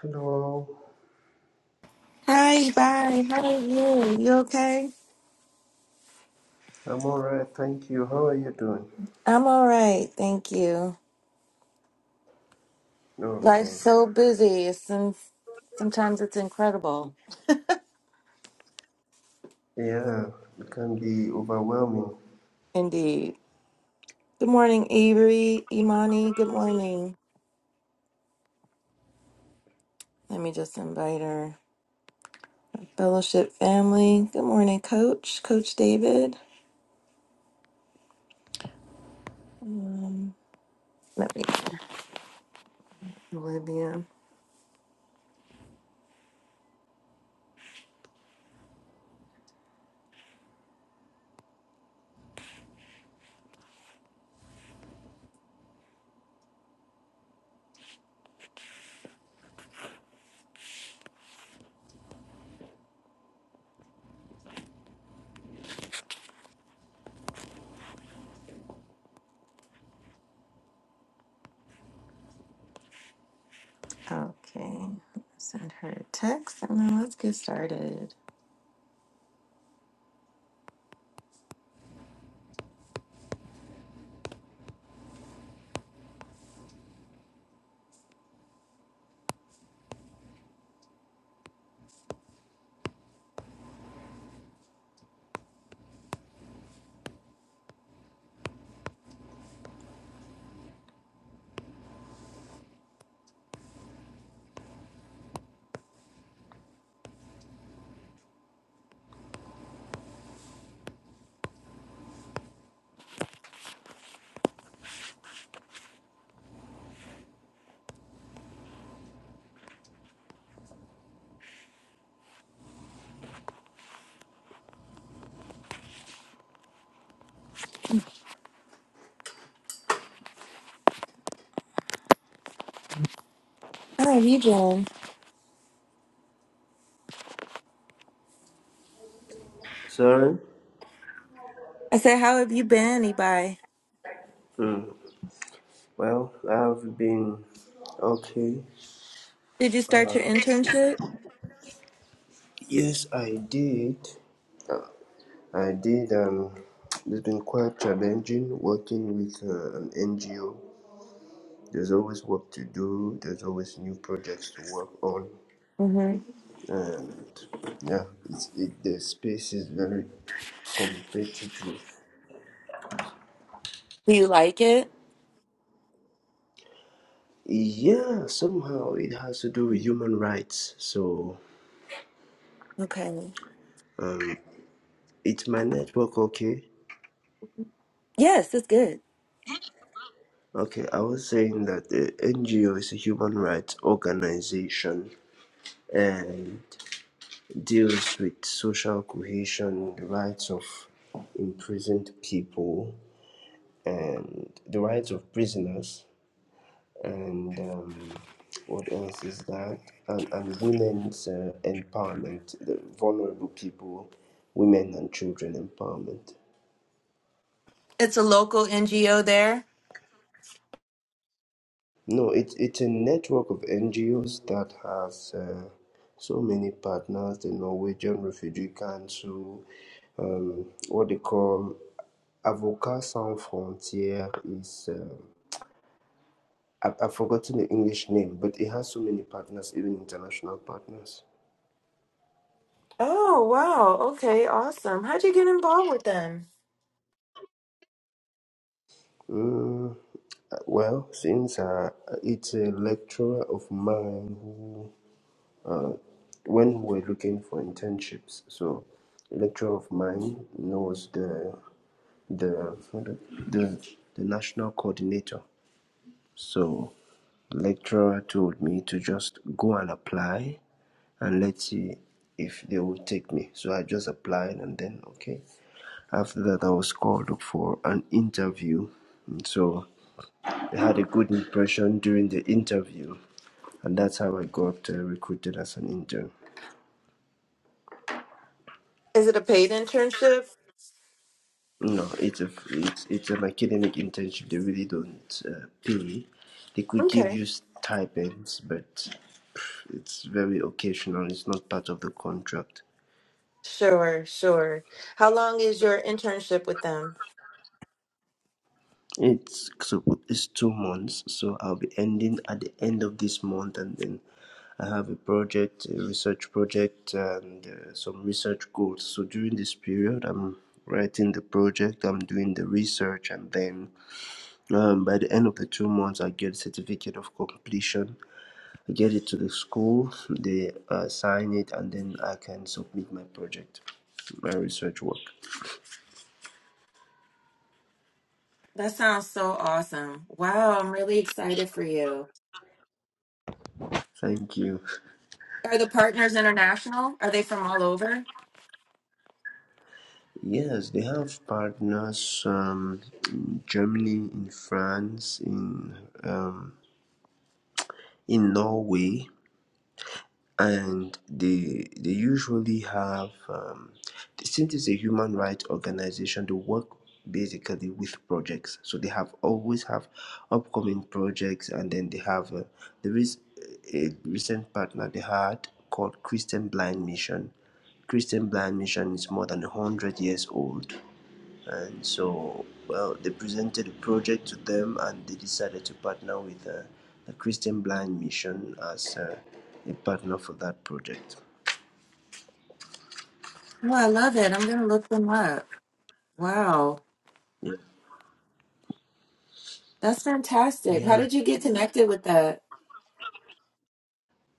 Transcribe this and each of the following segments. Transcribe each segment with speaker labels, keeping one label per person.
Speaker 1: Hello,
Speaker 2: Hi, bye. How are you? You okay?
Speaker 1: I'm alright, thank you. How are you doing?
Speaker 2: I'm all right, thank you.
Speaker 1: Okay.
Speaker 2: Life's so busy. It's some, sometimes it's incredible.
Speaker 1: Yeah, it can be overwhelming.
Speaker 2: Indeed. Good morning, Avery, Imani. Good morning. Let me just invite her. Fellowship family. Good morning, Coach. Coach David. Let me Olivia. Okay. Send her a text and then let's get started. How have you been?
Speaker 1: Sorry?
Speaker 2: I said, How have you been, Ibai?
Speaker 1: Mm. Well, I've been okay.
Speaker 2: Did you start
Speaker 1: Uh,
Speaker 2: your internship?
Speaker 1: yes, I did. I did, and it's been quite challenging working with uh, an NGO. There's always work to do, there's always new projects to work on, and yeah, it's, it, the space is very competitive.
Speaker 2: Do you like it?
Speaker 1: Yeah, somehow it has to do with human rights. So,
Speaker 2: Okay.
Speaker 1: um, it's my network okay?
Speaker 2: Yes, it's good.
Speaker 1: Okay, I was saying that the NGO is a human rights organization and deals with social cohesion, the rights of imprisoned people, and the rights of prisoners, and um, what else is that? And, and women's uh, empowerment, the vulnerable people, women and children empowerment.
Speaker 2: It's a local NGO there.
Speaker 1: No, it's it's a network of NGOs that has uh, so many partners. The Norwegian Refugee Council, um, what they call Avocats Sans Frontières is. Uh, I've, I've forgotten the English name, but it has so many partners, even international partners.
Speaker 2: Oh, wow. Okay, awesome. How'd you get involved with them?
Speaker 1: Mm, uh, well, since uh, it's a lecturer of mine who. when we were looking for internships. So a lecturer of mine knows the the the the national coordinator. So the lecturer told me to just go and apply and let's see if they will take me. So I just applied and then okay. After that I was called up for an interview. So I had a good impression during the interview and that's how I got uh, recruited as an intern.
Speaker 2: Is it a paid internship?
Speaker 1: No, it's a it's it's an academic internship. They really don't uh, pay. They could give
Speaker 2: Okay.
Speaker 1: you stipends, but it's very occasional. It's not part of the contract.
Speaker 2: Sure, sure. How long is your internship with them?
Speaker 1: It's so it's two months, so I'll be ending at the end of this month, and then I have a project, a research project, and uh, some research goals. So during this period, I'm writing the project, I'm doing the research, and then um, by the end of the two months, I get a certificate of completion get it to the school they uh, sign it and then i can submit my project my research work
Speaker 2: That sounds so awesome. Wow, I'm really excited for you.
Speaker 1: thank you
Speaker 2: Are the partners international? Are they from all over?
Speaker 1: yes they have partners um, in germany in france in um, in norway and they they usually have um, since it's a human rights organization they work basically with projects so they have always have upcoming projects and then they have uh, there is a recent partner they had called christian blind mission christian blind mission is more than 100 years old and so, well, they presented a project to them and they decided to partner with uh, the Christian Blind Mission as uh, a partner for that project.
Speaker 2: Oh, I love it. I'm going to look them up. Wow.
Speaker 1: Yeah.
Speaker 2: That's fantastic. How
Speaker 1: Yeah.
Speaker 2: did you get connected with that?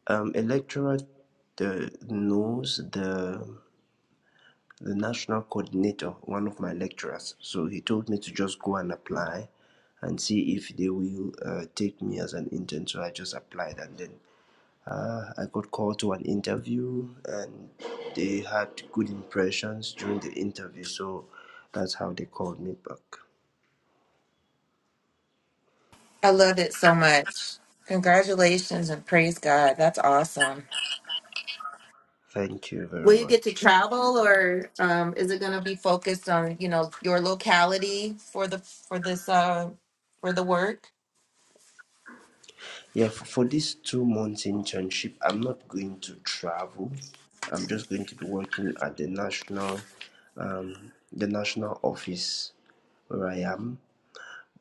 Speaker 1: Um, electoral uh, knows the the national coordinator, one of my lecturers. So he told me to just go and apply and see if they will uh, take me as an intern. So I just applied and then Uh, I got called to an interview, and they had good impressions during the interview, so that's how they called me back.
Speaker 2: I loved it so much. Congratulations and praise God. That's awesome.
Speaker 1: Thank you very
Speaker 2: Will you get to
Speaker 1: much.
Speaker 2: travel or um, is it going to be focused on, you know, your locality for the for this uh for the work?
Speaker 1: Yeah, for, for this two months internship, I'm not going to travel. I'm just going to be working at the national, um, the national office where I am.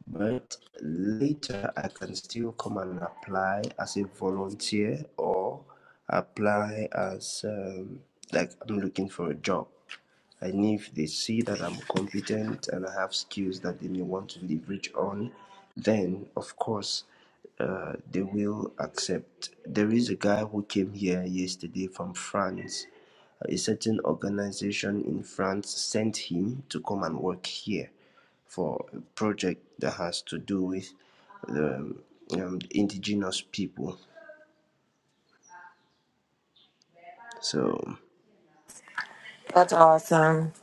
Speaker 1: but later I can still come and apply as a volunteer or apply as um, like I'm looking for a job. And if they see that I'm competent and I have skills that they may want to leverage on, then of course uh, they will accept. There is a guy who came here yesterday from France. A certain organization in France sent him to come and work here for a project that has to do with the um, indigenous people. So
Speaker 2: That's awesome.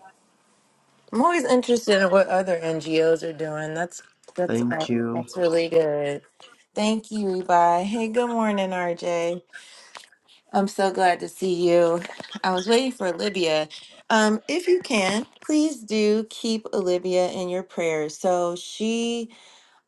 Speaker 2: I'm always interested in what other NGOs are doing. That's that's uh,
Speaker 1: thank you.
Speaker 2: that's really good. Thank you, Levi. Hey, good morning, RJ. I'm so glad to see you. I was waiting for Olivia. Um, if you can, please do keep Olivia in your prayers. So she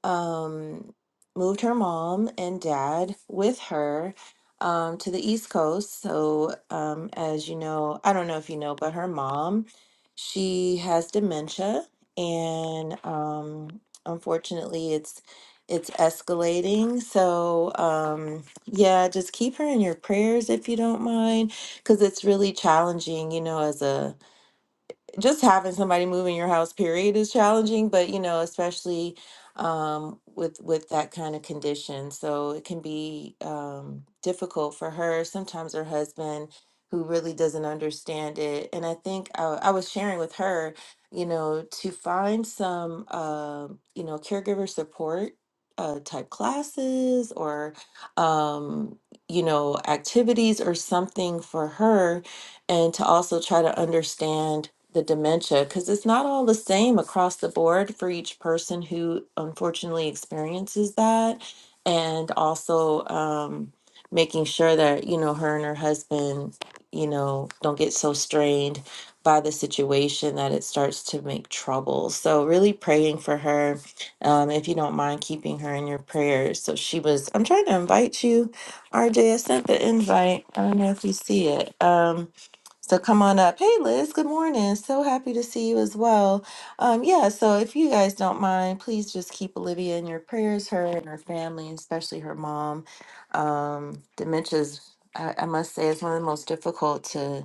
Speaker 2: um, moved her mom and dad with her um, to the East Coast. So, um, as you know, I don't know if you know, but her mom, she has dementia, and um, unfortunately, it's it's escalating. So, um, yeah, just keep her in your prayers if you don't mind, because it's really challenging, you know, as a just having somebody move in your house period is challenging but you know especially um with with that kind of condition so it can be um difficult for her sometimes her husband who really doesn't understand it and i think i, I was sharing with her you know to find some uh, you know caregiver support uh, type classes or um you know activities or something for her and to also try to understand the dementia because it's not all the same across the board for each person who unfortunately experiences that and also um, making sure that you know her and her husband you know don't get so strained by the situation that it starts to make trouble so really praying for her um, if you don't mind keeping her in your prayers so she was i'm trying to invite you rj i sent the invite i don't know if you see it Um, so come on up. Hey, Liz. Good morning. So happy to see you as well. Um, yeah. So if you guys don't mind, please just keep Olivia in your prayers. Her and her family, and especially her mom. Um, dementia's, I, I must say, is one of the most difficult to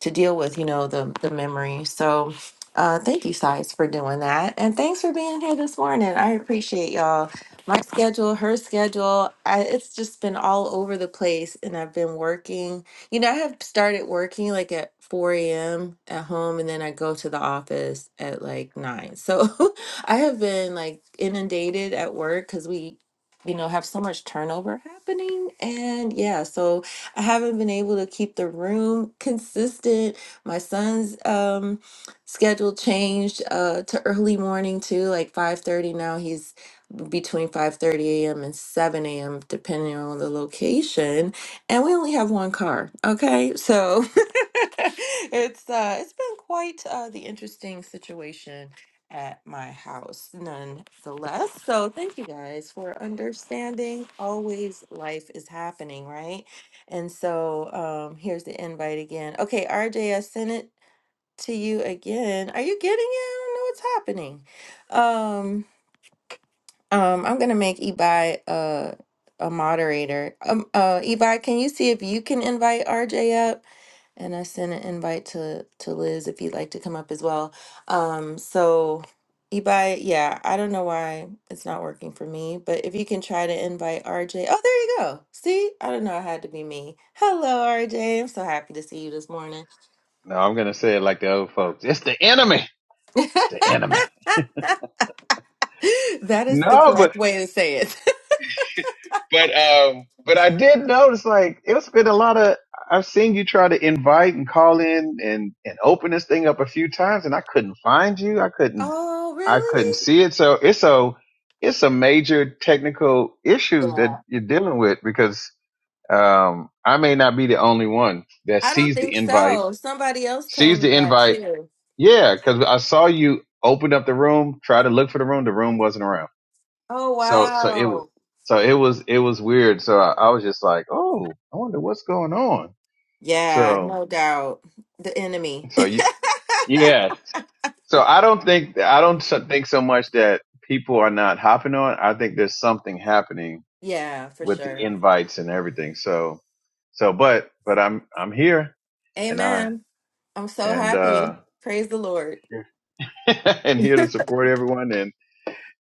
Speaker 2: to deal with, you know, the the memory. So uh thank you Sides, for doing that. And thanks for being here this morning. I appreciate y'all. My schedule, her schedule, I, it's just been all over the place and I've been working. You know, I have started working like at 4 a.m. at home and then I go to the office at like 9. So I have been like inundated at work because we, you know, have so much turnover happening. And yeah, so I haven't been able to keep the room consistent. My son's um schedule changed uh to early morning too, like 5:30 now. He's between 5:30 a.m. and 7 a.m. depending on the location and we only have one car okay so it's uh it's been quite uh the interesting situation at my house nonetheless so thank you guys for understanding always life is happening right and so um here's the invite again okay RJ I sent it to you again are you getting it I don't know what's happening Um, um, I'm gonna make Ebi a a moderator. Um, uh, Ebi, can you see if you can invite RJ up? And I sent an invite to to Liz if you'd like to come up as well. Um, so Ebi, yeah, I don't know why it's not working for me, but if you can try to invite RJ. Oh, there you go. See, I don't know. It had to be me. Hello, RJ. I'm so happy to see you this morning.
Speaker 3: No, I'm gonna say it like the old folks. It's the enemy. It's the enemy.
Speaker 2: That is the
Speaker 3: No, but
Speaker 2: correct way to say it.
Speaker 3: but um but I did notice like it's been a lot of I've seen you try to invite and call in and and open this thing up a few times and I couldn't find you. I couldn't
Speaker 2: Oh,
Speaker 3: I couldn't see it. So it's a it's a major technical issues
Speaker 2: really?
Speaker 3: that you're dealing with because um I may not be the only one that
Speaker 2: I don't
Speaker 3: sees the
Speaker 2: think
Speaker 3: invite,
Speaker 2: so. Somebody else
Speaker 3: sees
Speaker 2: told me
Speaker 3: the
Speaker 2: that
Speaker 3: invite
Speaker 2: too.
Speaker 3: Yeah, because I saw you open up the room, try to look for the room. The room wasn't around.
Speaker 2: Oh,
Speaker 3: So, so it was,
Speaker 2: wow.
Speaker 3: so it was, it was weird. So I, I was just like, oh, I wonder what's going on.
Speaker 2: Yeah,
Speaker 3: So,
Speaker 2: no doubt. The enemy.
Speaker 3: so you, yeah. So I don't think, I don't so- think so much that people are not hopping on. I think there's something happening
Speaker 2: Yeah, for
Speaker 3: with the
Speaker 2: sure.
Speaker 3: invites and everything. So, so, but, but I'm, I'm here and I,
Speaker 2: Amen. I'm so
Speaker 3: and,
Speaker 2: happy.
Speaker 3: uh,
Speaker 2: Praise the Lord.
Speaker 3: and here to support everyone.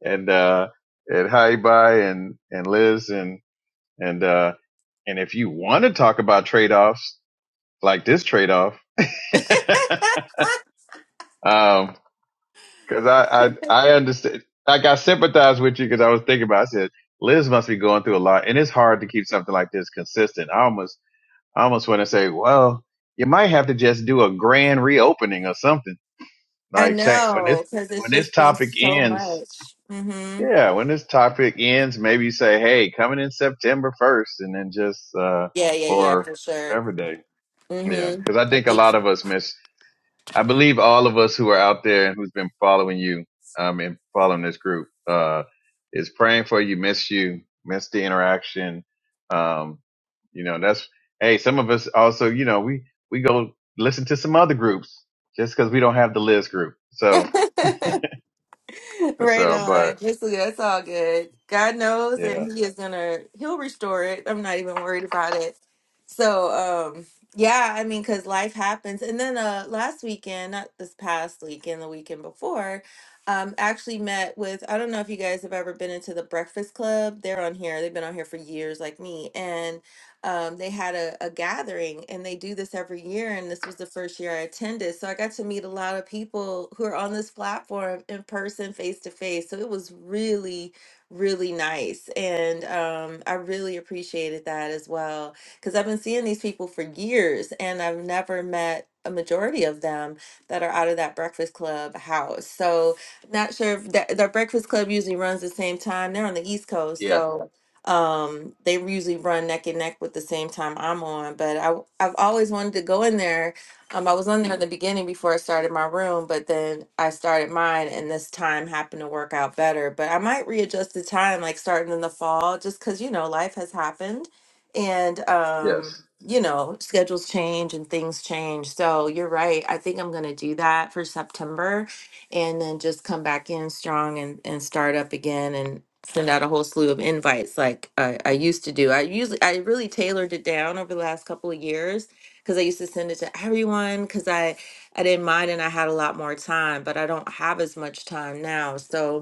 Speaker 3: and uh and hi bye and and liz and and uh and if you want to talk about trade-offs like this trade-off um because i i i understand like i sympathize with you because i was thinking about i said liz must be going through a lot and it's hard to keep something like this consistent i almost i almost want to say well you might have to just do a grand reopening or something
Speaker 2: I
Speaker 3: like cha- when this
Speaker 2: know, because it's
Speaker 3: when this
Speaker 2: just been
Speaker 3: topic
Speaker 2: so
Speaker 3: ends
Speaker 2: much. Mm-hmm.
Speaker 3: Yeah, when this topic ends, maybe you say, "Hey, coming in September 1st," and then just uh
Speaker 2: Yeah, yeah, yeah,
Speaker 3: or
Speaker 2: for sure.
Speaker 3: whatever day. Yeah,
Speaker 2: Mm-hmm.
Speaker 3: because I
Speaker 2: I
Speaker 3: think a
Speaker 2: think
Speaker 3: lot of us miss. I believe all of us who are out there and who's been following you, um, and following this group, uh, is praying for you. Miss you, miss the interaction. Um, you know, that's hey. Some of us also, you know, we we go listen to some other groups just because we don't have the Liz group. So
Speaker 2: so. Right
Speaker 3: so,
Speaker 2: on.
Speaker 3: but
Speaker 2: It's, it's all good. God knows,
Speaker 3: yeah,
Speaker 2: and He is gonna He'll restore it. I'm not even worried about it. So, um, yeah, I mean, because life happens. And then uh, last weekend, not this past weekend, the weekend before, um, actually met with I don't know if you guys have ever been into the Breakfast Club. They're on here. They've been on here for years, like me, and um, they had a, a gathering and they do this every year. And this was the first year I attended. So I got to meet a lot of people who are on this platform in person, face to face. So it was really, really nice. And um, I really appreciated that as well. Because I've been seeing these people for years and I've never met a majority of them that are out of that breakfast club house. So not sure if that, the breakfast club usually runs the same time. They're on the East Coast.
Speaker 3: yeah,
Speaker 2: So um, they usually run neck and neck with the same time I'm on, but I I've always wanted to go in there. Um, I was on there in the beginning before I started my room, but then I started mine, and this time happened to work out better. But I might readjust the time, like starting in the fall, just because you know life has happened, and
Speaker 3: yes.
Speaker 2: um, you know schedules change and things change. So you're right. I think I'm gonna do that for September and then just come back in strong and, and start up again and send out a whole slew of invites like I, I used to do. I usually I really tailored it down over the last couple of years because I used to send it to everyone because I I didn't mind and I had a lot more time, but I don't have as much time now. So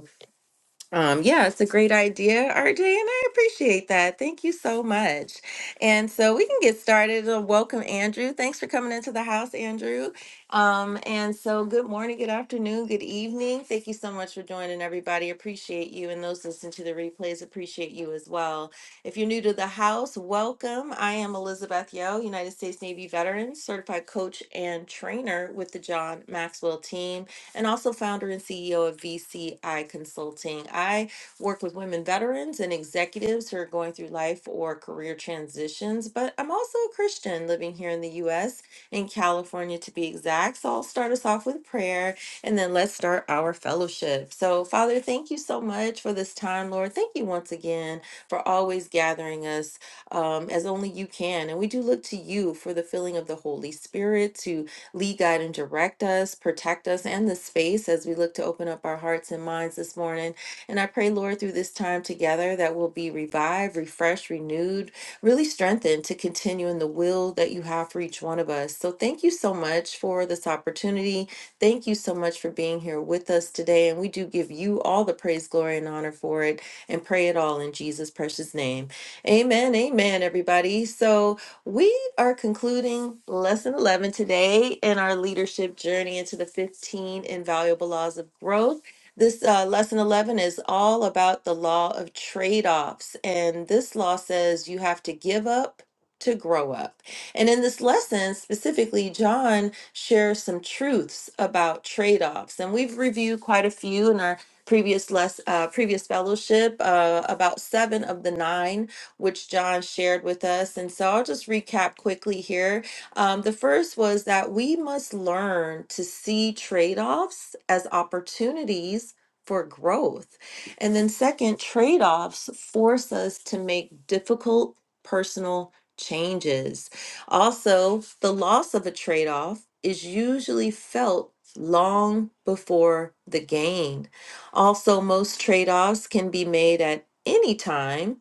Speaker 2: um, yeah, it's a great idea, RJ, and I appreciate that. Thank you so much. And so we can get started. Uh, Welcome, Andrew. Thanks for coming into the house, Andrew. Um, and so good morning, good afternoon, good evening. Thank you so much for joining, everybody. Appreciate you. And those listening to the replays appreciate you as well. If you're new to the house, welcome. I am Elizabeth Yo, United States Navy veteran, certified coach and trainer with the John Maxwell team and also founder and CEO of VCI Consulting. I work with women veterans and executives who are going through life or career transitions, but I'm also a Christian living here in the US, in California to be exact. So I'll start us off with prayer and then let's start our fellowship. So, Father, thank you so much for this time, Lord. Thank you once again for always gathering us um, as only you can. And we do look to you for the filling of the Holy Spirit to Lead, guide, and direct us, protect us and the space as we look to open up our hearts and minds this morning. And I pray, Lord, through this time together that we'll be revived, refreshed, renewed, really strengthened to continue in the will that you have for each one of us. So thank you so much for this opportunity. Thank you so much for being here with us today. And we do give you all the praise, glory, and honor for it and pray it all in Jesus' precious name. Amen. Amen, everybody. So, we are concluding lesson 11 today in our leadership journey into the 15 invaluable laws of growth. This uh, lesson 11 is all about the law of trade offs. And this law says you have to give up to grow up. And in this lesson, specifically, John shares some truths about trade offs. And we've reviewed quite a few in our previous less uh, previous fellowship uh, about seven of the nine which John shared with us. And so I'll just recap quickly here. Um, the first was that we must learn to see trade offs as opportunities for growth. And then, second, trade offs force us to make difficult personal changes. Also, the loss of a trade off is usually felt long before the gain. Also, most trade offs can be made at any time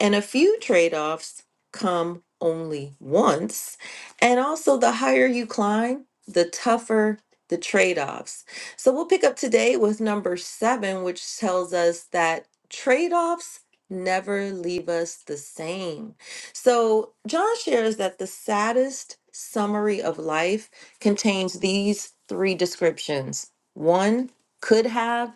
Speaker 2: and a few trade offs come only once. And also, the higher you climb, the tougher the trade offs. So, we'll pick up today with number seven, which tells us that trade offs never leave us the same. So, John shares that the saddest summary of life contains these three descriptions one, could have,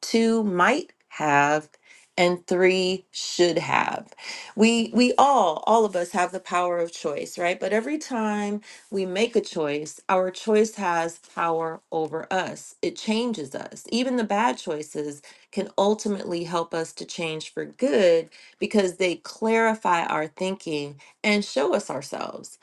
Speaker 2: two, might have, and three should have. We we all all of us have the power of choice, right? But every time we make a choice, our choice has power over us. It changes us. Even the bad choices can ultimately help us to change for good because they clarify our thinking and show us ourselves.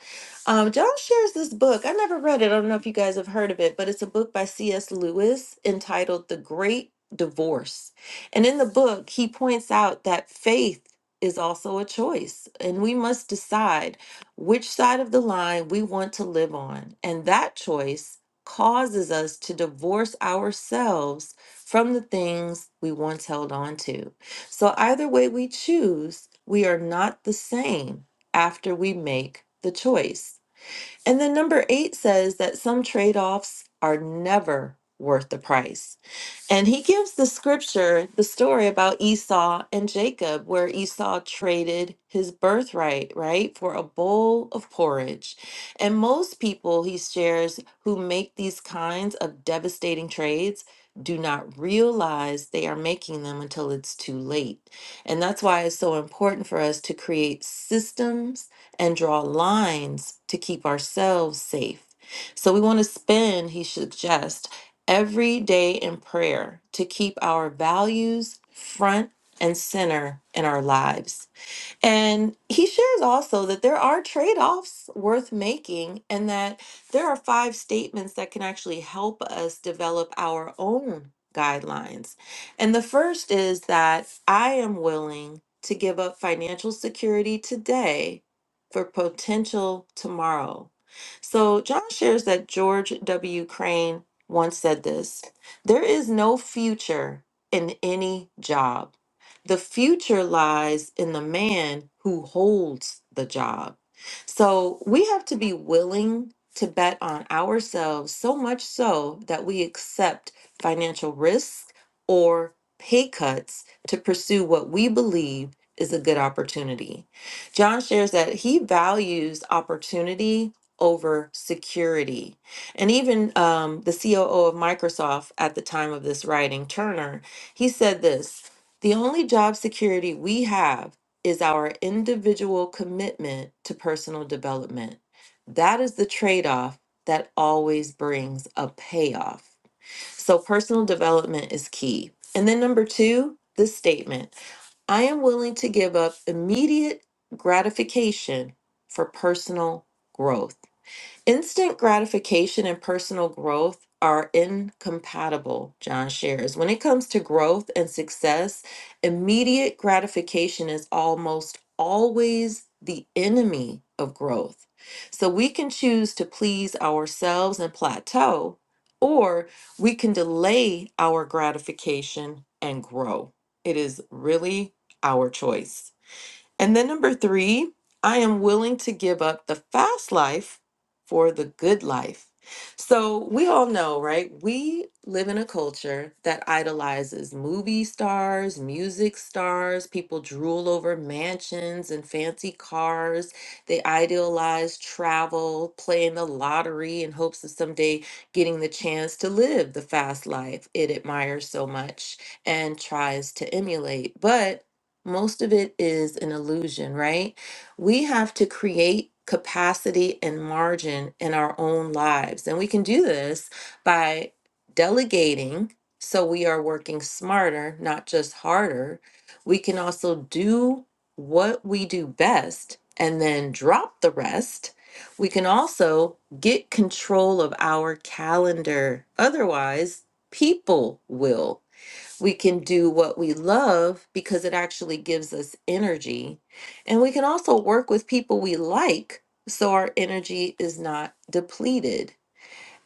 Speaker 2: Um, John shares this book. I never read it. I don't know if you guys have heard of it, but it's a book by C.S. Lewis entitled The Great Divorce. And in the book, he points out that faith is also a choice, and we must decide which side of the line we want to live on. And that choice causes us to divorce ourselves from the things we once held on to. So, either way we choose, we are not the same after we make the choice. And then number eight says that some trade offs are never worth the price. And he gives the scripture, the story about Esau and Jacob, where Esau traded his birthright, right, for a bowl of porridge. And most people, he shares, who make these kinds of devastating trades do not realize they are making them until it's too late. And that's why it's so important for us to create systems and draw lines to keep ourselves safe. So we want to spend, he suggests, every day in prayer to keep our values front and center in our lives. And he shares also that there are trade offs worth making, and that there are five statements that can actually help us develop our own guidelines. And the first is that I am willing to give up financial security today for potential tomorrow. So John shares that George W. Crane once said this there is no future in any job. The future lies in the man who holds the job. So we have to be willing to bet on ourselves so much so that we accept financial risks or pay cuts to pursue what we believe is a good opportunity. John shares that he values opportunity over security. And even um, the COO of Microsoft at the time of this writing, Turner, he said this the only job security we have is our individual commitment to personal development. That is the trade off that always brings a payoff. So, personal development is key. And then, number two, this statement I am willing to give up immediate gratification for personal growth. Instant gratification and personal growth are incompatible, John shares. When it comes to growth and success, immediate gratification is almost always the enemy of growth. So we can choose to please ourselves and plateau, or we can delay our gratification and grow. It is really our choice. And then number three, I am willing to give up the fast life for the good life. So we all know, right? We live in a culture that idolizes movie stars, music stars. People drool over mansions and fancy cars. They idealize travel, playing the lottery in hopes of someday getting the chance to live the fast life it admires so much and tries to emulate. But most of it is an illusion, right? We have to create capacity and margin in our own lives. And we can do this by delegating so we are working smarter, not just harder. We can also do what we do best and then drop the rest. We can also get control of our calendar. Otherwise, people will. We can do what we love because it actually gives us energy. And we can also work with people we like so our energy is not depleted.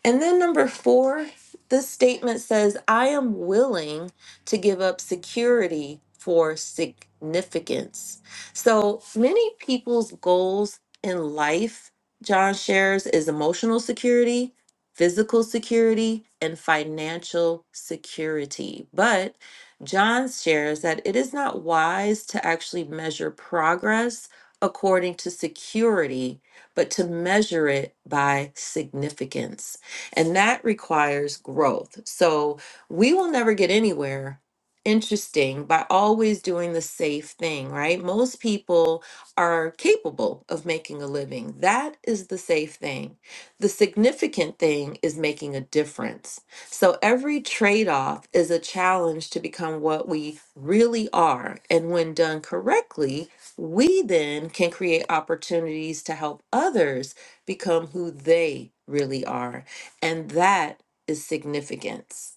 Speaker 2: And then number four, this statement says, I am willing to give up security for significance. So many people's goals in life, John shares, is emotional security, physical security, and financial security. But John shares that it is not wise to actually measure progress according to security, but to measure it by significance. And that requires growth. So we will never get anywhere interesting by always doing the safe thing, right? Most people are capable of making a living. That is the safe thing. The significant thing is making a difference. So every trade off is a challenge to become what we really are. And when done correctly, we then can create opportunities to help others become who they really are. And that is significance.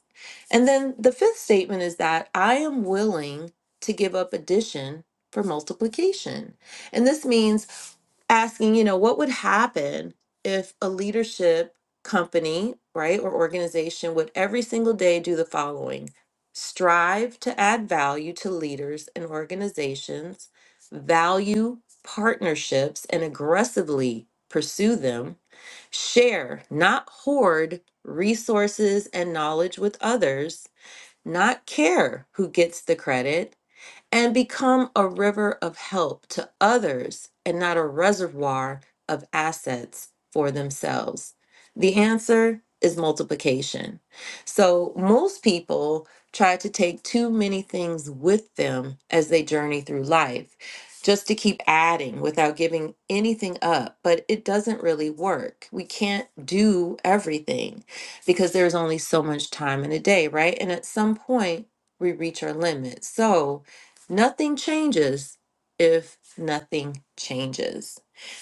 Speaker 2: And then the fifth statement is that I am willing to give up addition for multiplication. And this means asking, you know, what would happen if a leadership company, right, or organization would every single day do the following strive to add value to leaders and organizations, value partnerships, and aggressively pursue them Share, not hoard, resources and knowledge with others, not care who gets the credit, and become a river of help to others and not a reservoir of assets for themselves? The answer is multiplication. So, most people try to take too many things with them as they journey through life, just to keep adding without giving anything up, but it doesn't really work. We can't do everything because there's only so much time in a day, right? And at some point, we reach our limit. So, Nothing changes if nothing changes.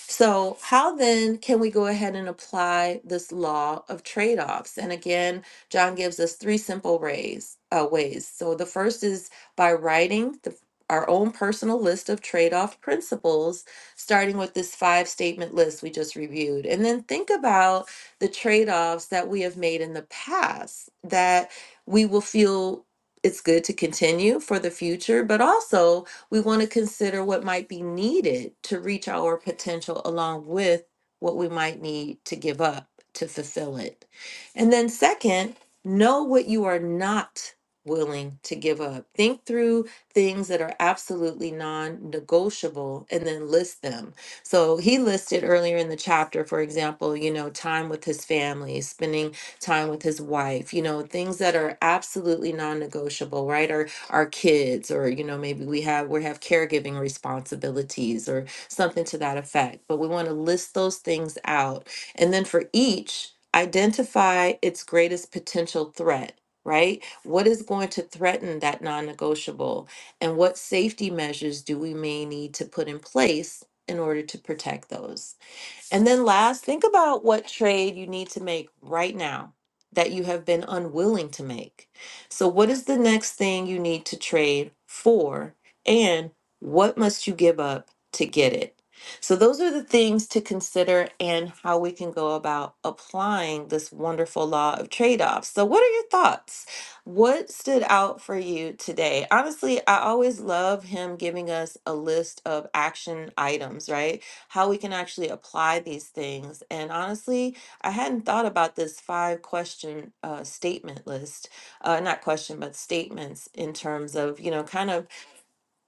Speaker 2: So, how then can we go ahead and apply this law of trade offs? And again, John gives us three simple ways. Uh, ways. So, the first is by writing the, our own personal list of trade off principles, starting with this five statement list we just reviewed. And then think about the trade offs that we have made in the past that we will feel it's good to continue for the future, but also we want to consider what might be needed to reach our potential along with what we might need to give up to fulfill it. And then, second, know what you are not willing to give up. Think through things that are absolutely non negotiable and then list them. So, he listed earlier in the chapter, for example, you know, time with his family, spending time with his wife, you know, things that are absolutely non-negotiable, right? Or our kids, or you know, maybe we have we have caregiving responsibilities or something to that effect. But we want to list those things out. And then for each, identify its greatest potential threat. Right? What is going to threaten that non negotiable? And what safety measures do we may need to put in place in order to protect those? And then last, think about what trade you need to make right now that you have been unwilling to make. So, what is the next thing you need to trade for? And what must you give up to get it? So, those are the things to consider and how we can go about applying this wonderful law of trade offs. So, what are your thoughts? What stood out for you today? Honestly, I always love him giving us a list of action items, right? how we can actually apply these things. And honestly, I hadn't thought about this five question uh, statement list, uh, not question, but statements in terms of, you know, kind of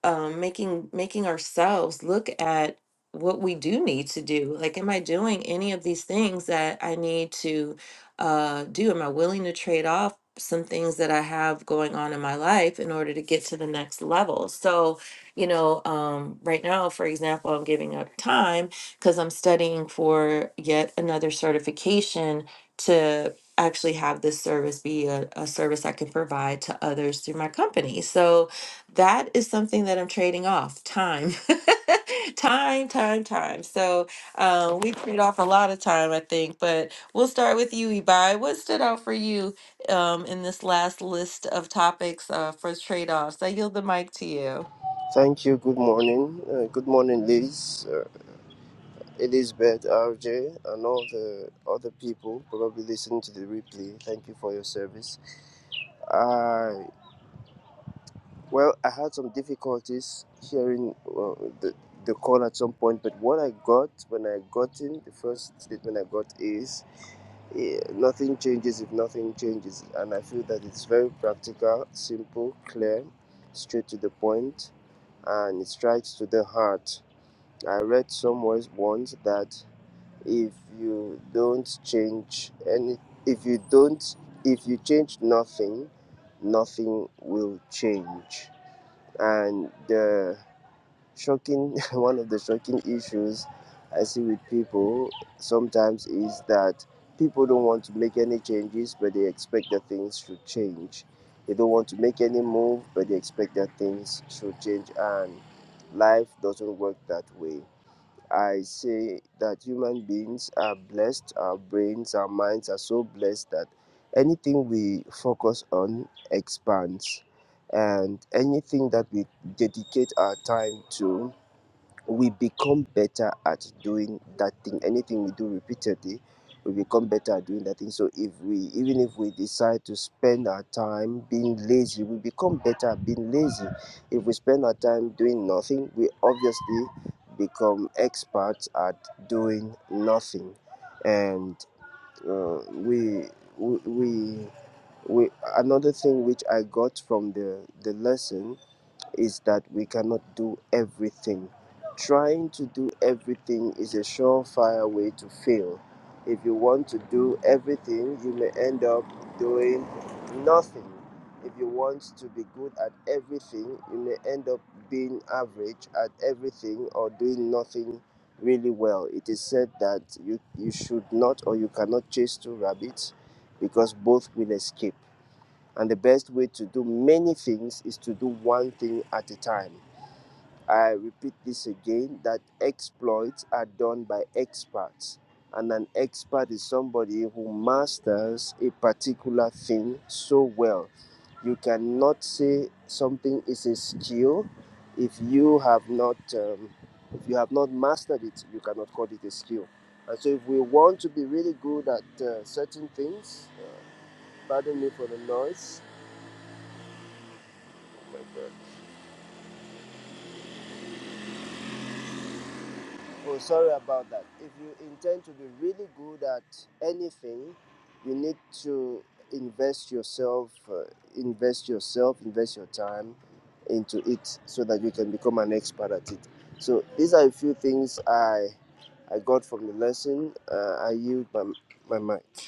Speaker 2: um, making making ourselves look at what we do need to do. Like, am I doing any of these things that I need to uh, do? Am I willing to trade off some things that I have going on in my life in order to get to the next level? So, you know, um, right now, for example, I'm giving up time because I'm studying for yet another certification to actually have this service be a, a service I can provide to others through my company. So, that is something that I'm trading off time. time, time, time. So um, we trade off a lot of time, I think. But we'll start with you, Ibai. What stood out for you um, in this last list of topics uh, for trade offs? I yield the mic to you.
Speaker 1: Thank you. Good morning. Uh, good morning, Liz, uh, Elizabeth, RJ, and all the other people probably listening to the replay. Thank you for your service. I. Well, I had some difficulties hearing uh, the, the call at some point, but what I got when I got in, the first statement I got is eh, nothing changes if nothing changes. And I feel that it's very practical, simple, clear, straight to the point, and it strikes to the heart. I read somewhere once that if you don't change any, if you don't, if you change nothing, nothing will change and the shocking one of the shocking issues i see with people sometimes is that people don't want to make any changes but they expect that things should change they don't want to make any move but they expect that things should change and life doesn't work that way I say that human beings are blessed, our brains, our minds are so blessed that anything we focus on expands, and anything that we dedicate our time to we become better at doing that thing. Anything we do repeatedly, we become better at doing that thing. So if we, even if we decide to spend our time being lazy, we become better at being lazy. If we spend our time doing nothing, we obviously become experts at doing nothing. And uh, we, we, we, we, another thing which I got from the, the lesson is that we cannot do everything. Trying to do everything is a surefire way to fail. If you want to do everything, you may end up doing nothing. If you want to be good at everything, you may end up being average at everything or doing nothing really well. It is said that you, you should not or you cannot chase two rabbits because both will escape. And the best way to do many things is to do one thing at a time. I repeat this again that exploits are done by experts. And an expert is somebody who masters a particular thing so well. You cannot say something is a skill if you have not um, if you have not mastered it. You cannot call it a skill. And so, if we want to be really good at uh, certain things, uh, pardon me for the noise Oh My God. Oh, sorry about that. If you intend to be really good at anything, you need to invest yourself, uh, invest yourself, invest your time into it so that you can become an expert at it. So these are a few things I I got from the lesson. Uh, I yield my, my mic.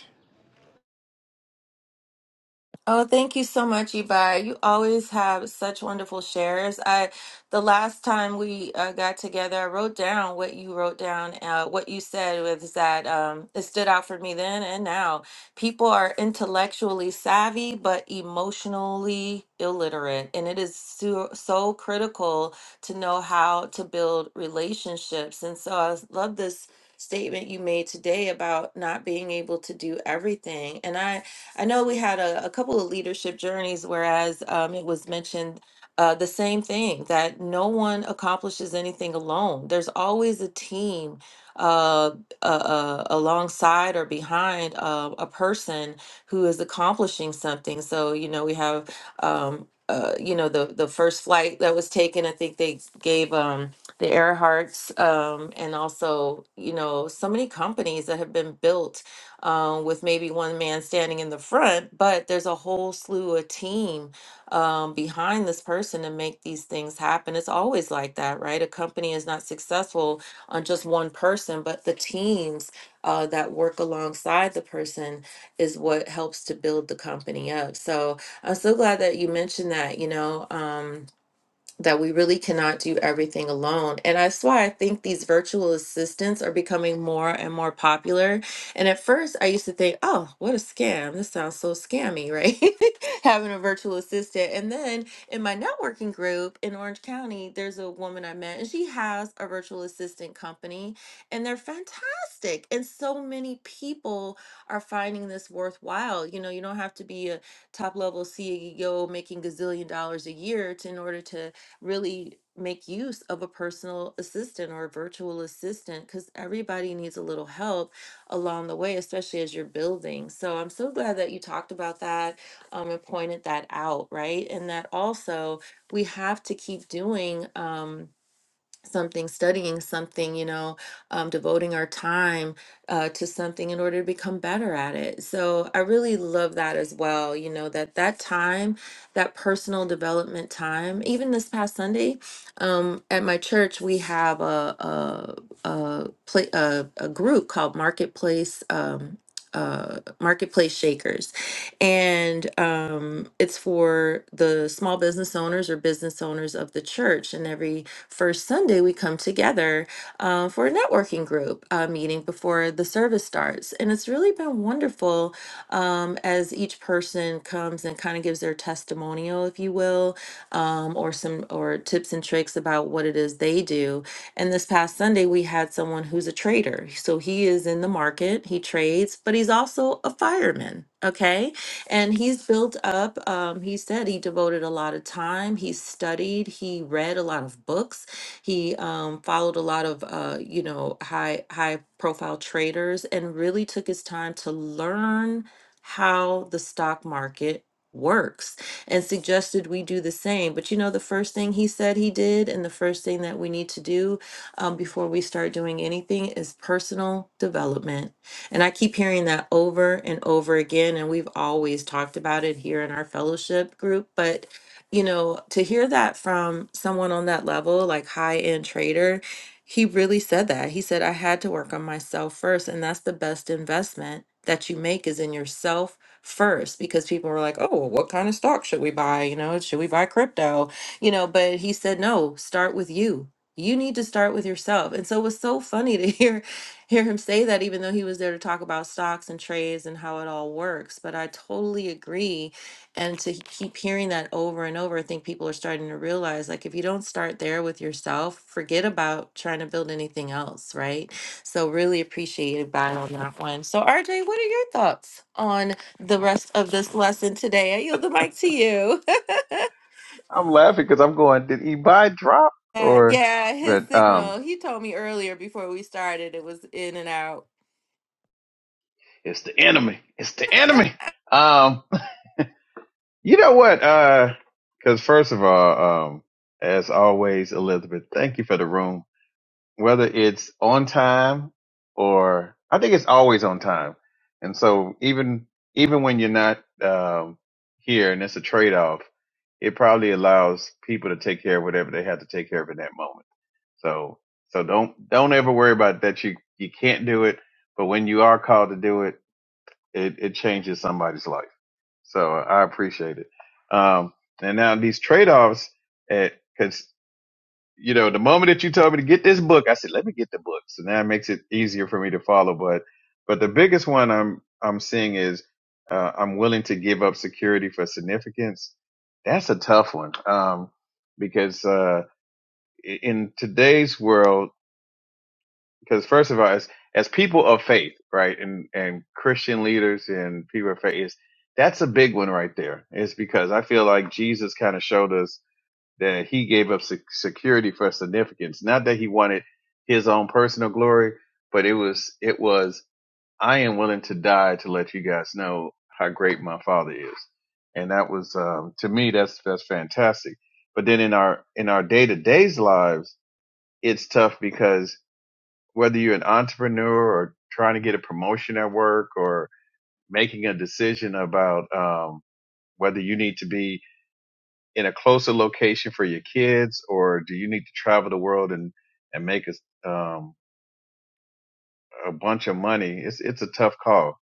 Speaker 2: Oh, thank you so much, Ibai. You always have such wonderful shares. I, the last time we uh, got together, I wrote down what you wrote down. Uh, what you said was that um, it stood out for me then and now. People are intellectually savvy but emotionally illiterate, and it is so, so critical to know how to build relationships. And so I love this statement you made today about not being able to do everything, and I. I know we had a, a couple of leadership journeys, whereas um, it was mentioned uh, the same thing that no one accomplishes anything alone. There's always a team uh, uh, uh, alongside or behind uh, a person who is accomplishing something. So, you know, we have, um, uh, you know, the, the first flight that was taken, I think they gave um, the Earharts um, and also, you know, so many companies that have been built um, with maybe one man standing in the front, but there's a whole slew of team um, behind this person to make these things happen. It's always like that, right? A company is not successful on just one person, but the teams uh, that work alongside the person is what helps to build the company up. So I'm so glad that you mentioned that. You know, um, that we really cannot do everything alone. And that's why I think these virtual assistants are becoming more and more popular. And at first, I used to think, oh, what a scam. This sounds so scammy, right? Having a virtual assistant. And then in my networking group in Orange County, there's a woman I met, and she has a virtual assistant company, and they're fantastic. And so many people are finding this worthwhile. You know, you don't have to be a top level CEO making gazillion dollars a year to, in order to really make use of a personal assistant or a virtual assistant because everybody needs a little help along the way, especially as you're building. So I'm so glad that you talked about that um, and pointed that out, right? And that also we have to keep doing. Um, something, studying something, you know, um, devoting our time uh, to something in order to become better at it. So I really love that as well. You know that that time, that personal development time. Even this past Sunday, um, at my church, we have a a a, play, a, a group called Marketplace. Um, uh, marketplace shakers and um, it's for the small business owners or business owners of the church and every First Sunday, we come together uh, for a networking group uh, meeting before the service starts. And it's really been wonderful um, as each person comes and kind of gives their testimonial, if you will, um, or some or tips and tricks about what it is they do. And this past Sunday, we had someone who's a trader. So he is in the market, he trades, but he's also a fireman. Okay and he's built up. Um, he said he devoted a lot of time. He studied. He read a lot of books. He um, followed a lot of, uh, you know, high high profile traders, and really took his time to learn how the stock market works and suggested we do the same but you know the first thing he said he did and the first thing that we need to do um, before we start doing anything is personal development and I keep hearing that over and over again. And we've always talked about it here in our fellowship group. But, you know, to hear that from someone on that level, like high end trader, he really said that. He said, I had to work on myself first. And that's the best investment that you make is in yourself first because people were like, oh, well, what kind of stock should we buy? You know, should we buy crypto? You know, but he said, no, start with you. You need to start with yourself. And so it was so funny to hear hear him say that even though he was there to talk about stocks and trades and how it all works but i totally agree and to he- keep hearing that over and over i think people are starting to realize like if you don't start there with yourself forget about trying to build anything else right so really appreciated by on that one so rj what are your thoughts on the rest of this lesson today i yield the mic to you
Speaker 3: I'm laughing because I'm going, did eBay drop?
Speaker 2: Uh,
Speaker 3: Or,
Speaker 2: yeah, his
Speaker 3: but, um,
Speaker 2: signal. He told me earlier before we started it was in and out.
Speaker 3: it's the enemy. It's the enemy. Um, you know what? Uh, cause first of all, um, as always, Elizabeth, thank you for the room. whether it's on time or I think it's always on time. And so even even when you're not um, here, and it's a trade off, it probably allows people to take care of whatever they have to take care of in that moment. So so don't don't ever worry about that you you can't do it, but when you are called to do it, it, it changes somebody's life. So I appreciate it. Um, and now these trade offs, because you know, the moment that you told me to get this book, I said, let me get the book. So now it makes it easier for me to follow. But, but the biggest one I'm, I'm seeing is, uh, I'm willing to give up security for significance. That's a tough one. Um, because, uh, i- in today's world, because first of all, as, as people of faith, right? And, and Christian leaders and people of faith is, that's a big one right there. It's because I feel like Jesus kind of showed us that he gave up sec- security for significance. Not that he wanted his own personal glory, but it was it was I am willing to die to let you guys know how great my father is, and that was um, to me that's that's fantastic. But then in our in our day to days lives, it's tough because whether you're an entrepreneur or trying to get a promotion at work or making a decision about um, whether you need to be in a closer location for your kids, or do you need to travel the world and and make a um, a bunch of money? It's it's a tough call.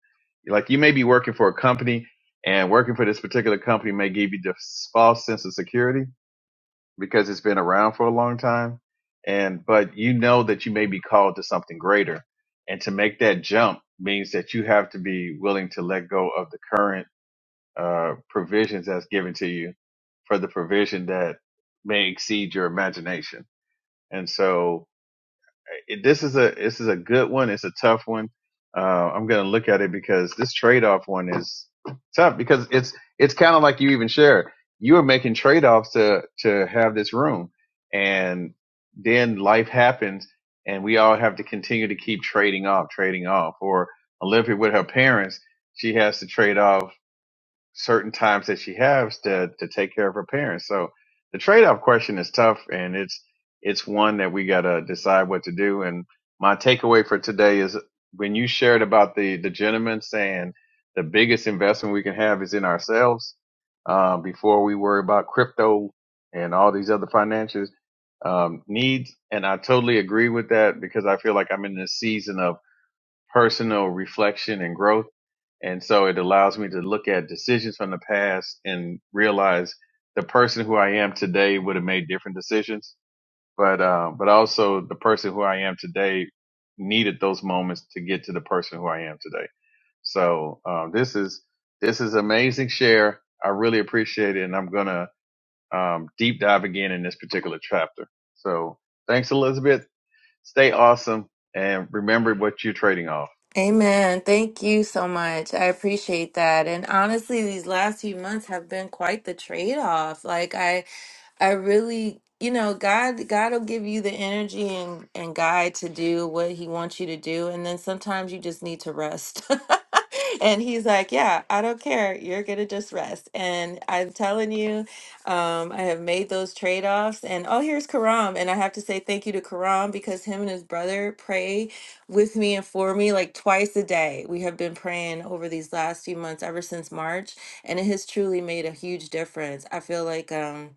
Speaker 3: Like you may be working for a company, and working for this particular company may give you this false sense of security because it's been around for a long time, and but you know that you may be called to something greater, and to make that jump means that you have to be willing to let go of the current uh, provisions that's given to you for the provision that may exceed your imagination. And so it, this is a this is a good one. It's a tough one. Uh, I'm gonna look at it because this trade off one is tough because it's it's kind of like you even shared. You are making trade offs to to have this room, and then life happens, and we all have to continue to keep trading off, trading off. Or Olympia with her parents, she has to trade off certain times that she has to to take care of her parents. So the trade off question is tough, and it's it's one that we gotta decide what to do. And my takeaway for today is when you shared about the the gentleman saying the biggest investment we can have is in ourselves uh, before we worry about crypto and all these other financial um, needs. And I totally agree with that because I feel like I'm in this season of personal reflection and growth. And so it allows me to look at decisions from the past and realize the person who I am today would have made different decisions. But, uh, but also the person who I am today needed those moments to get to the person who I am today. So, um, this is, this is amazing share. I really appreciate it. And I'm going to, um, deep dive again in this particular chapter. So thanks, Elizabeth. Stay awesome and remember what you're trading off.
Speaker 2: Amen. Thank you so much. I appreciate that. And honestly, these last few months have been quite the trade-off. Like I I really, you know, God God will give you the energy and and guide to do what he wants you to do and then sometimes you just need to rest. and he's like, "Yeah, I don't care. You're going to just rest." And I'm telling you, um I have made those trade-offs and oh, here's Karam and I have to say thank you to Karam because him and his brother pray with me and for me like twice a day. We have been praying over these last few months ever since March and it has truly made a huge difference. I feel like um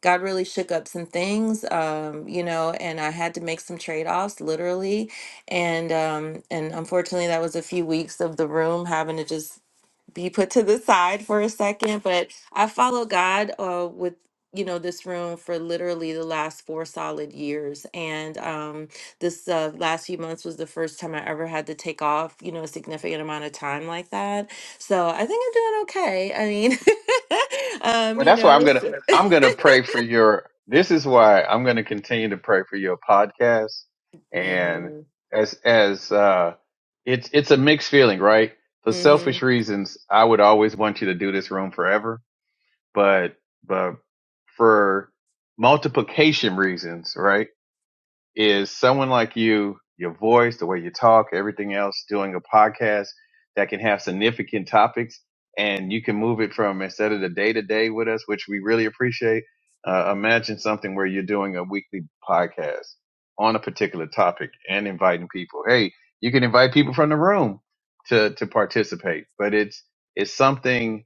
Speaker 2: God really shook up some things, um, you know, and I had to make some trade-offs literally. And um, and unfortunately that was a few weeks of the room having to just be put to the side for a second. But I follow God uh, with you know this room for literally the last four solid years and um this uh, last few months was the first time i ever had to take off you know a significant amount of time like that so i think i'm doing okay i mean um
Speaker 3: Well,
Speaker 2: you
Speaker 3: that's why
Speaker 2: know
Speaker 3: I'm gonna I'm gonna pray for your. This is why I'm gonna continue to pray for your podcast, and
Speaker 2: Mhm.
Speaker 3: as as uh, it's it's a mixed feeling, right? For
Speaker 2: hmm
Speaker 3: selfish reasons, I would always want you to do this room forever, but but for multiplication reasons, right? is someone like you, your voice, the way you talk, everything else, doing a podcast that can have significant topics and you can move it from instead of the day to day with us, which we really appreciate. Uh, imagine something where you're doing a weekly podcast on a particular topic and inviting people. Hey, you can invite people from the room to, to participate, but it's, it's something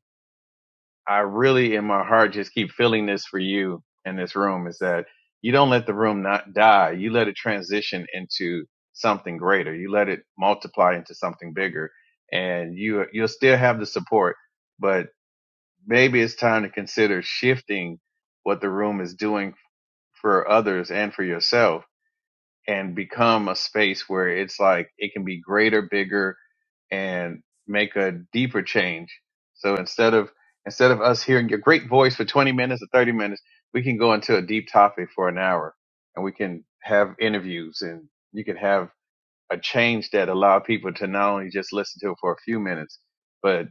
Speaker 3: I really in my heart just keep feeling this for you in this room is that you don't let the room not die. You let it transition into something greater. You let it multiply into something bigger and you, you'll still have the support, but maybe it's time to consider shifting what the room is doing for others and for yourself and become a space where it's like it can be greater, bigger, and make a deeper change. So instead of instead of us hearing your great voice for 20 minutes or 30 minutes, we can go into a deep topic for an hour, and we can have interviews, and you can have a change that allowed people to not only just listen to it for a few minutes, but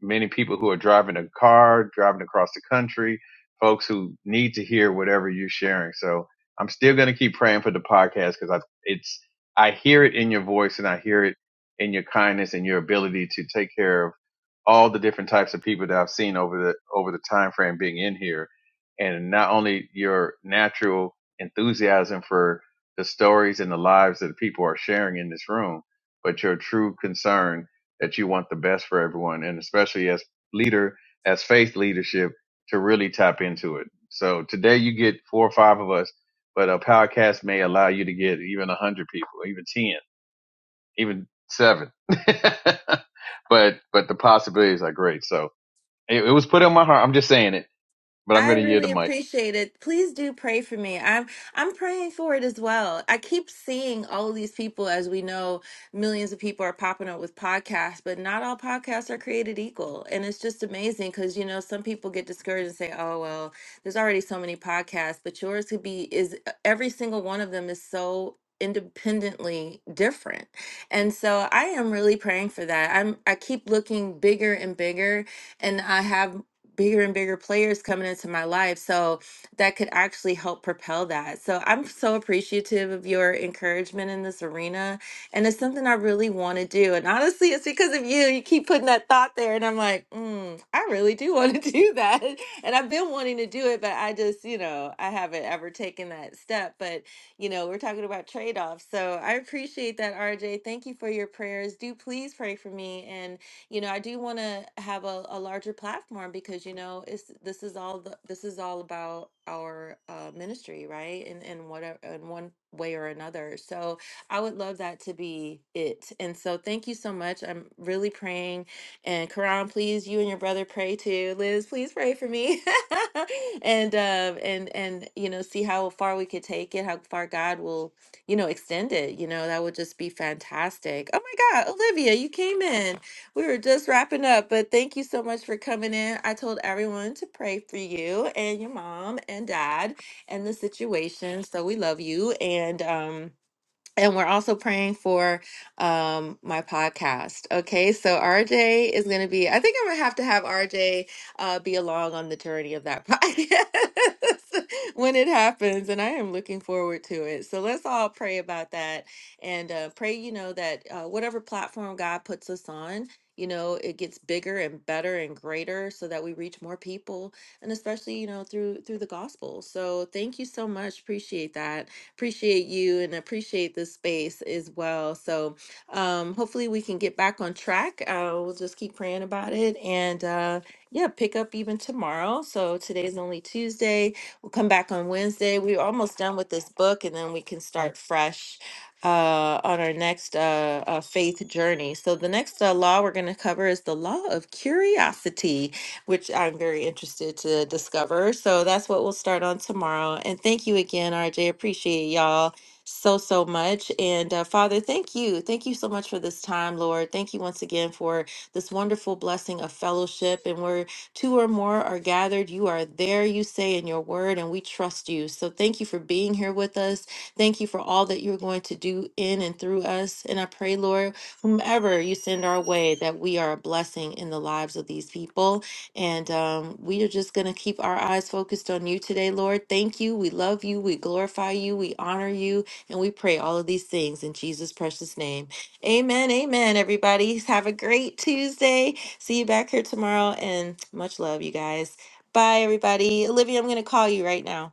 Speaker 3: many people who are driving a car, driving across the country, folks who need to hear whatever you're sharing. So I'm still going to keep praying for the podcast because I it's I hear it in your voice and I hear it in your kindness and your ability to take care of all the different types of people that I've seen over the over the time frame being in here, and not only your natural enthusiasm for the stories and the lives that people are sharing in this room, but your true concern that you want the best for everyone, and especially as leader, as faith leadership, to really tap into it. So today you get four or five of us, but a podcast may allow you to get even a hundred people, even ten, even seven. but but the possibilities are great. So it, it was put on my heart. I'm just saying it, but I'm
Speaker 2: I
Speaker 3: going to yield the
Speaker 2: really
Speaker 3: mic.
Speaker 2: appreciate it. Please do pray for me. I'm I'm praying for it as well. I keep seeing all of these people, as we know, millions of people are popping up with podcasts, but not all podcasts are created equal. And it's just amazing because you know some people get discouraged and say, "Oh well, there's already so many podcasts," but yours could be is uh, every single one of them is so independently different. And so I am really praying for that. I'm I keep looking bigger and bigger and I have bigger and bigger players coming into my life. So that could actually help propel that. So I'm so appreciative of your encouragement in this arena. And it's something I really want to do. And honestly, it's because of you. You keep putting that thought there. And I'm like, mm, I really do want to do that. And I've been wanting to do it, but I just, you know, I haven't ever taken that step. But, you know, we're talking about trade offs. So I appreciate that, RJ. Thank you for your prayers. Do please pray for me. And you know, I do want to have a, a larger platform because, you know, it's this is all the this is all about our uh, ministry, right? And and whatever in one way or another. So I would love that to be it. And so thank you so much. I'm really praying. And Karan, please, you and your brother pray too. Liz, please pray for me. and um and and you know, see how far we could take it, how far God will you know, extend it. You know, that would just be fantastic. Oh my God, Olivia, you came in. We were just wrapping up, but thank you so much for coming in. I told everyone to pray for you and your mom and dad and the situation. So we love you. And um and we're also praying for um my podcast okay so rj is going to be i think i'm going to have to have rj uh be along on the journey of that podcast when it happens and i am looking forward to it so let's all pray about that and uh pray you know that uh, whatever platform god puts us on you know it gets bigger and better and greater so that we reach more people and especially you know through through the gospel so thank you so much appreciate that appreciate you and appreciate this space as well. So um, hopefully we can get back on track. Uh, we'll just keep praying about it and uh, yeah, pick up even tomorrow. So today's only Tuesday. We'll come back on Wednesday. We're almost done with this book and then we can start fresh uh, on our next uh, uh, faith journey. So the next uh, law we're going to cover is the law of curiosity which I'm very interested to discover. So that's what we'll start on tomorrow. And thank you again, RJ. Appreciate y'all so, so much. And uh, Father, thank you. Thank you so much for this time, Lord. Thank you once again for this wonderful blessing of fellowship. And where two or more are gathered, you are there, you say in your word, and we trust you. So thank you for being here with us. Thank you for all that you're going to do in and through us. And I pray, Lord, whomever you send our way, that we are a blessing in the lives of these people. And um, we are just going to keep our eyes focused on you today, Lord. Thank you. We love you. We glorify you. We honor you. And we pray all of these things in Jesus' precious name. Amen. Amen, everybody. Have a great Tuesday. See you back here tomorrow. And much love, you guys. Bye, everybody. Olivia, I'm going to call you right now.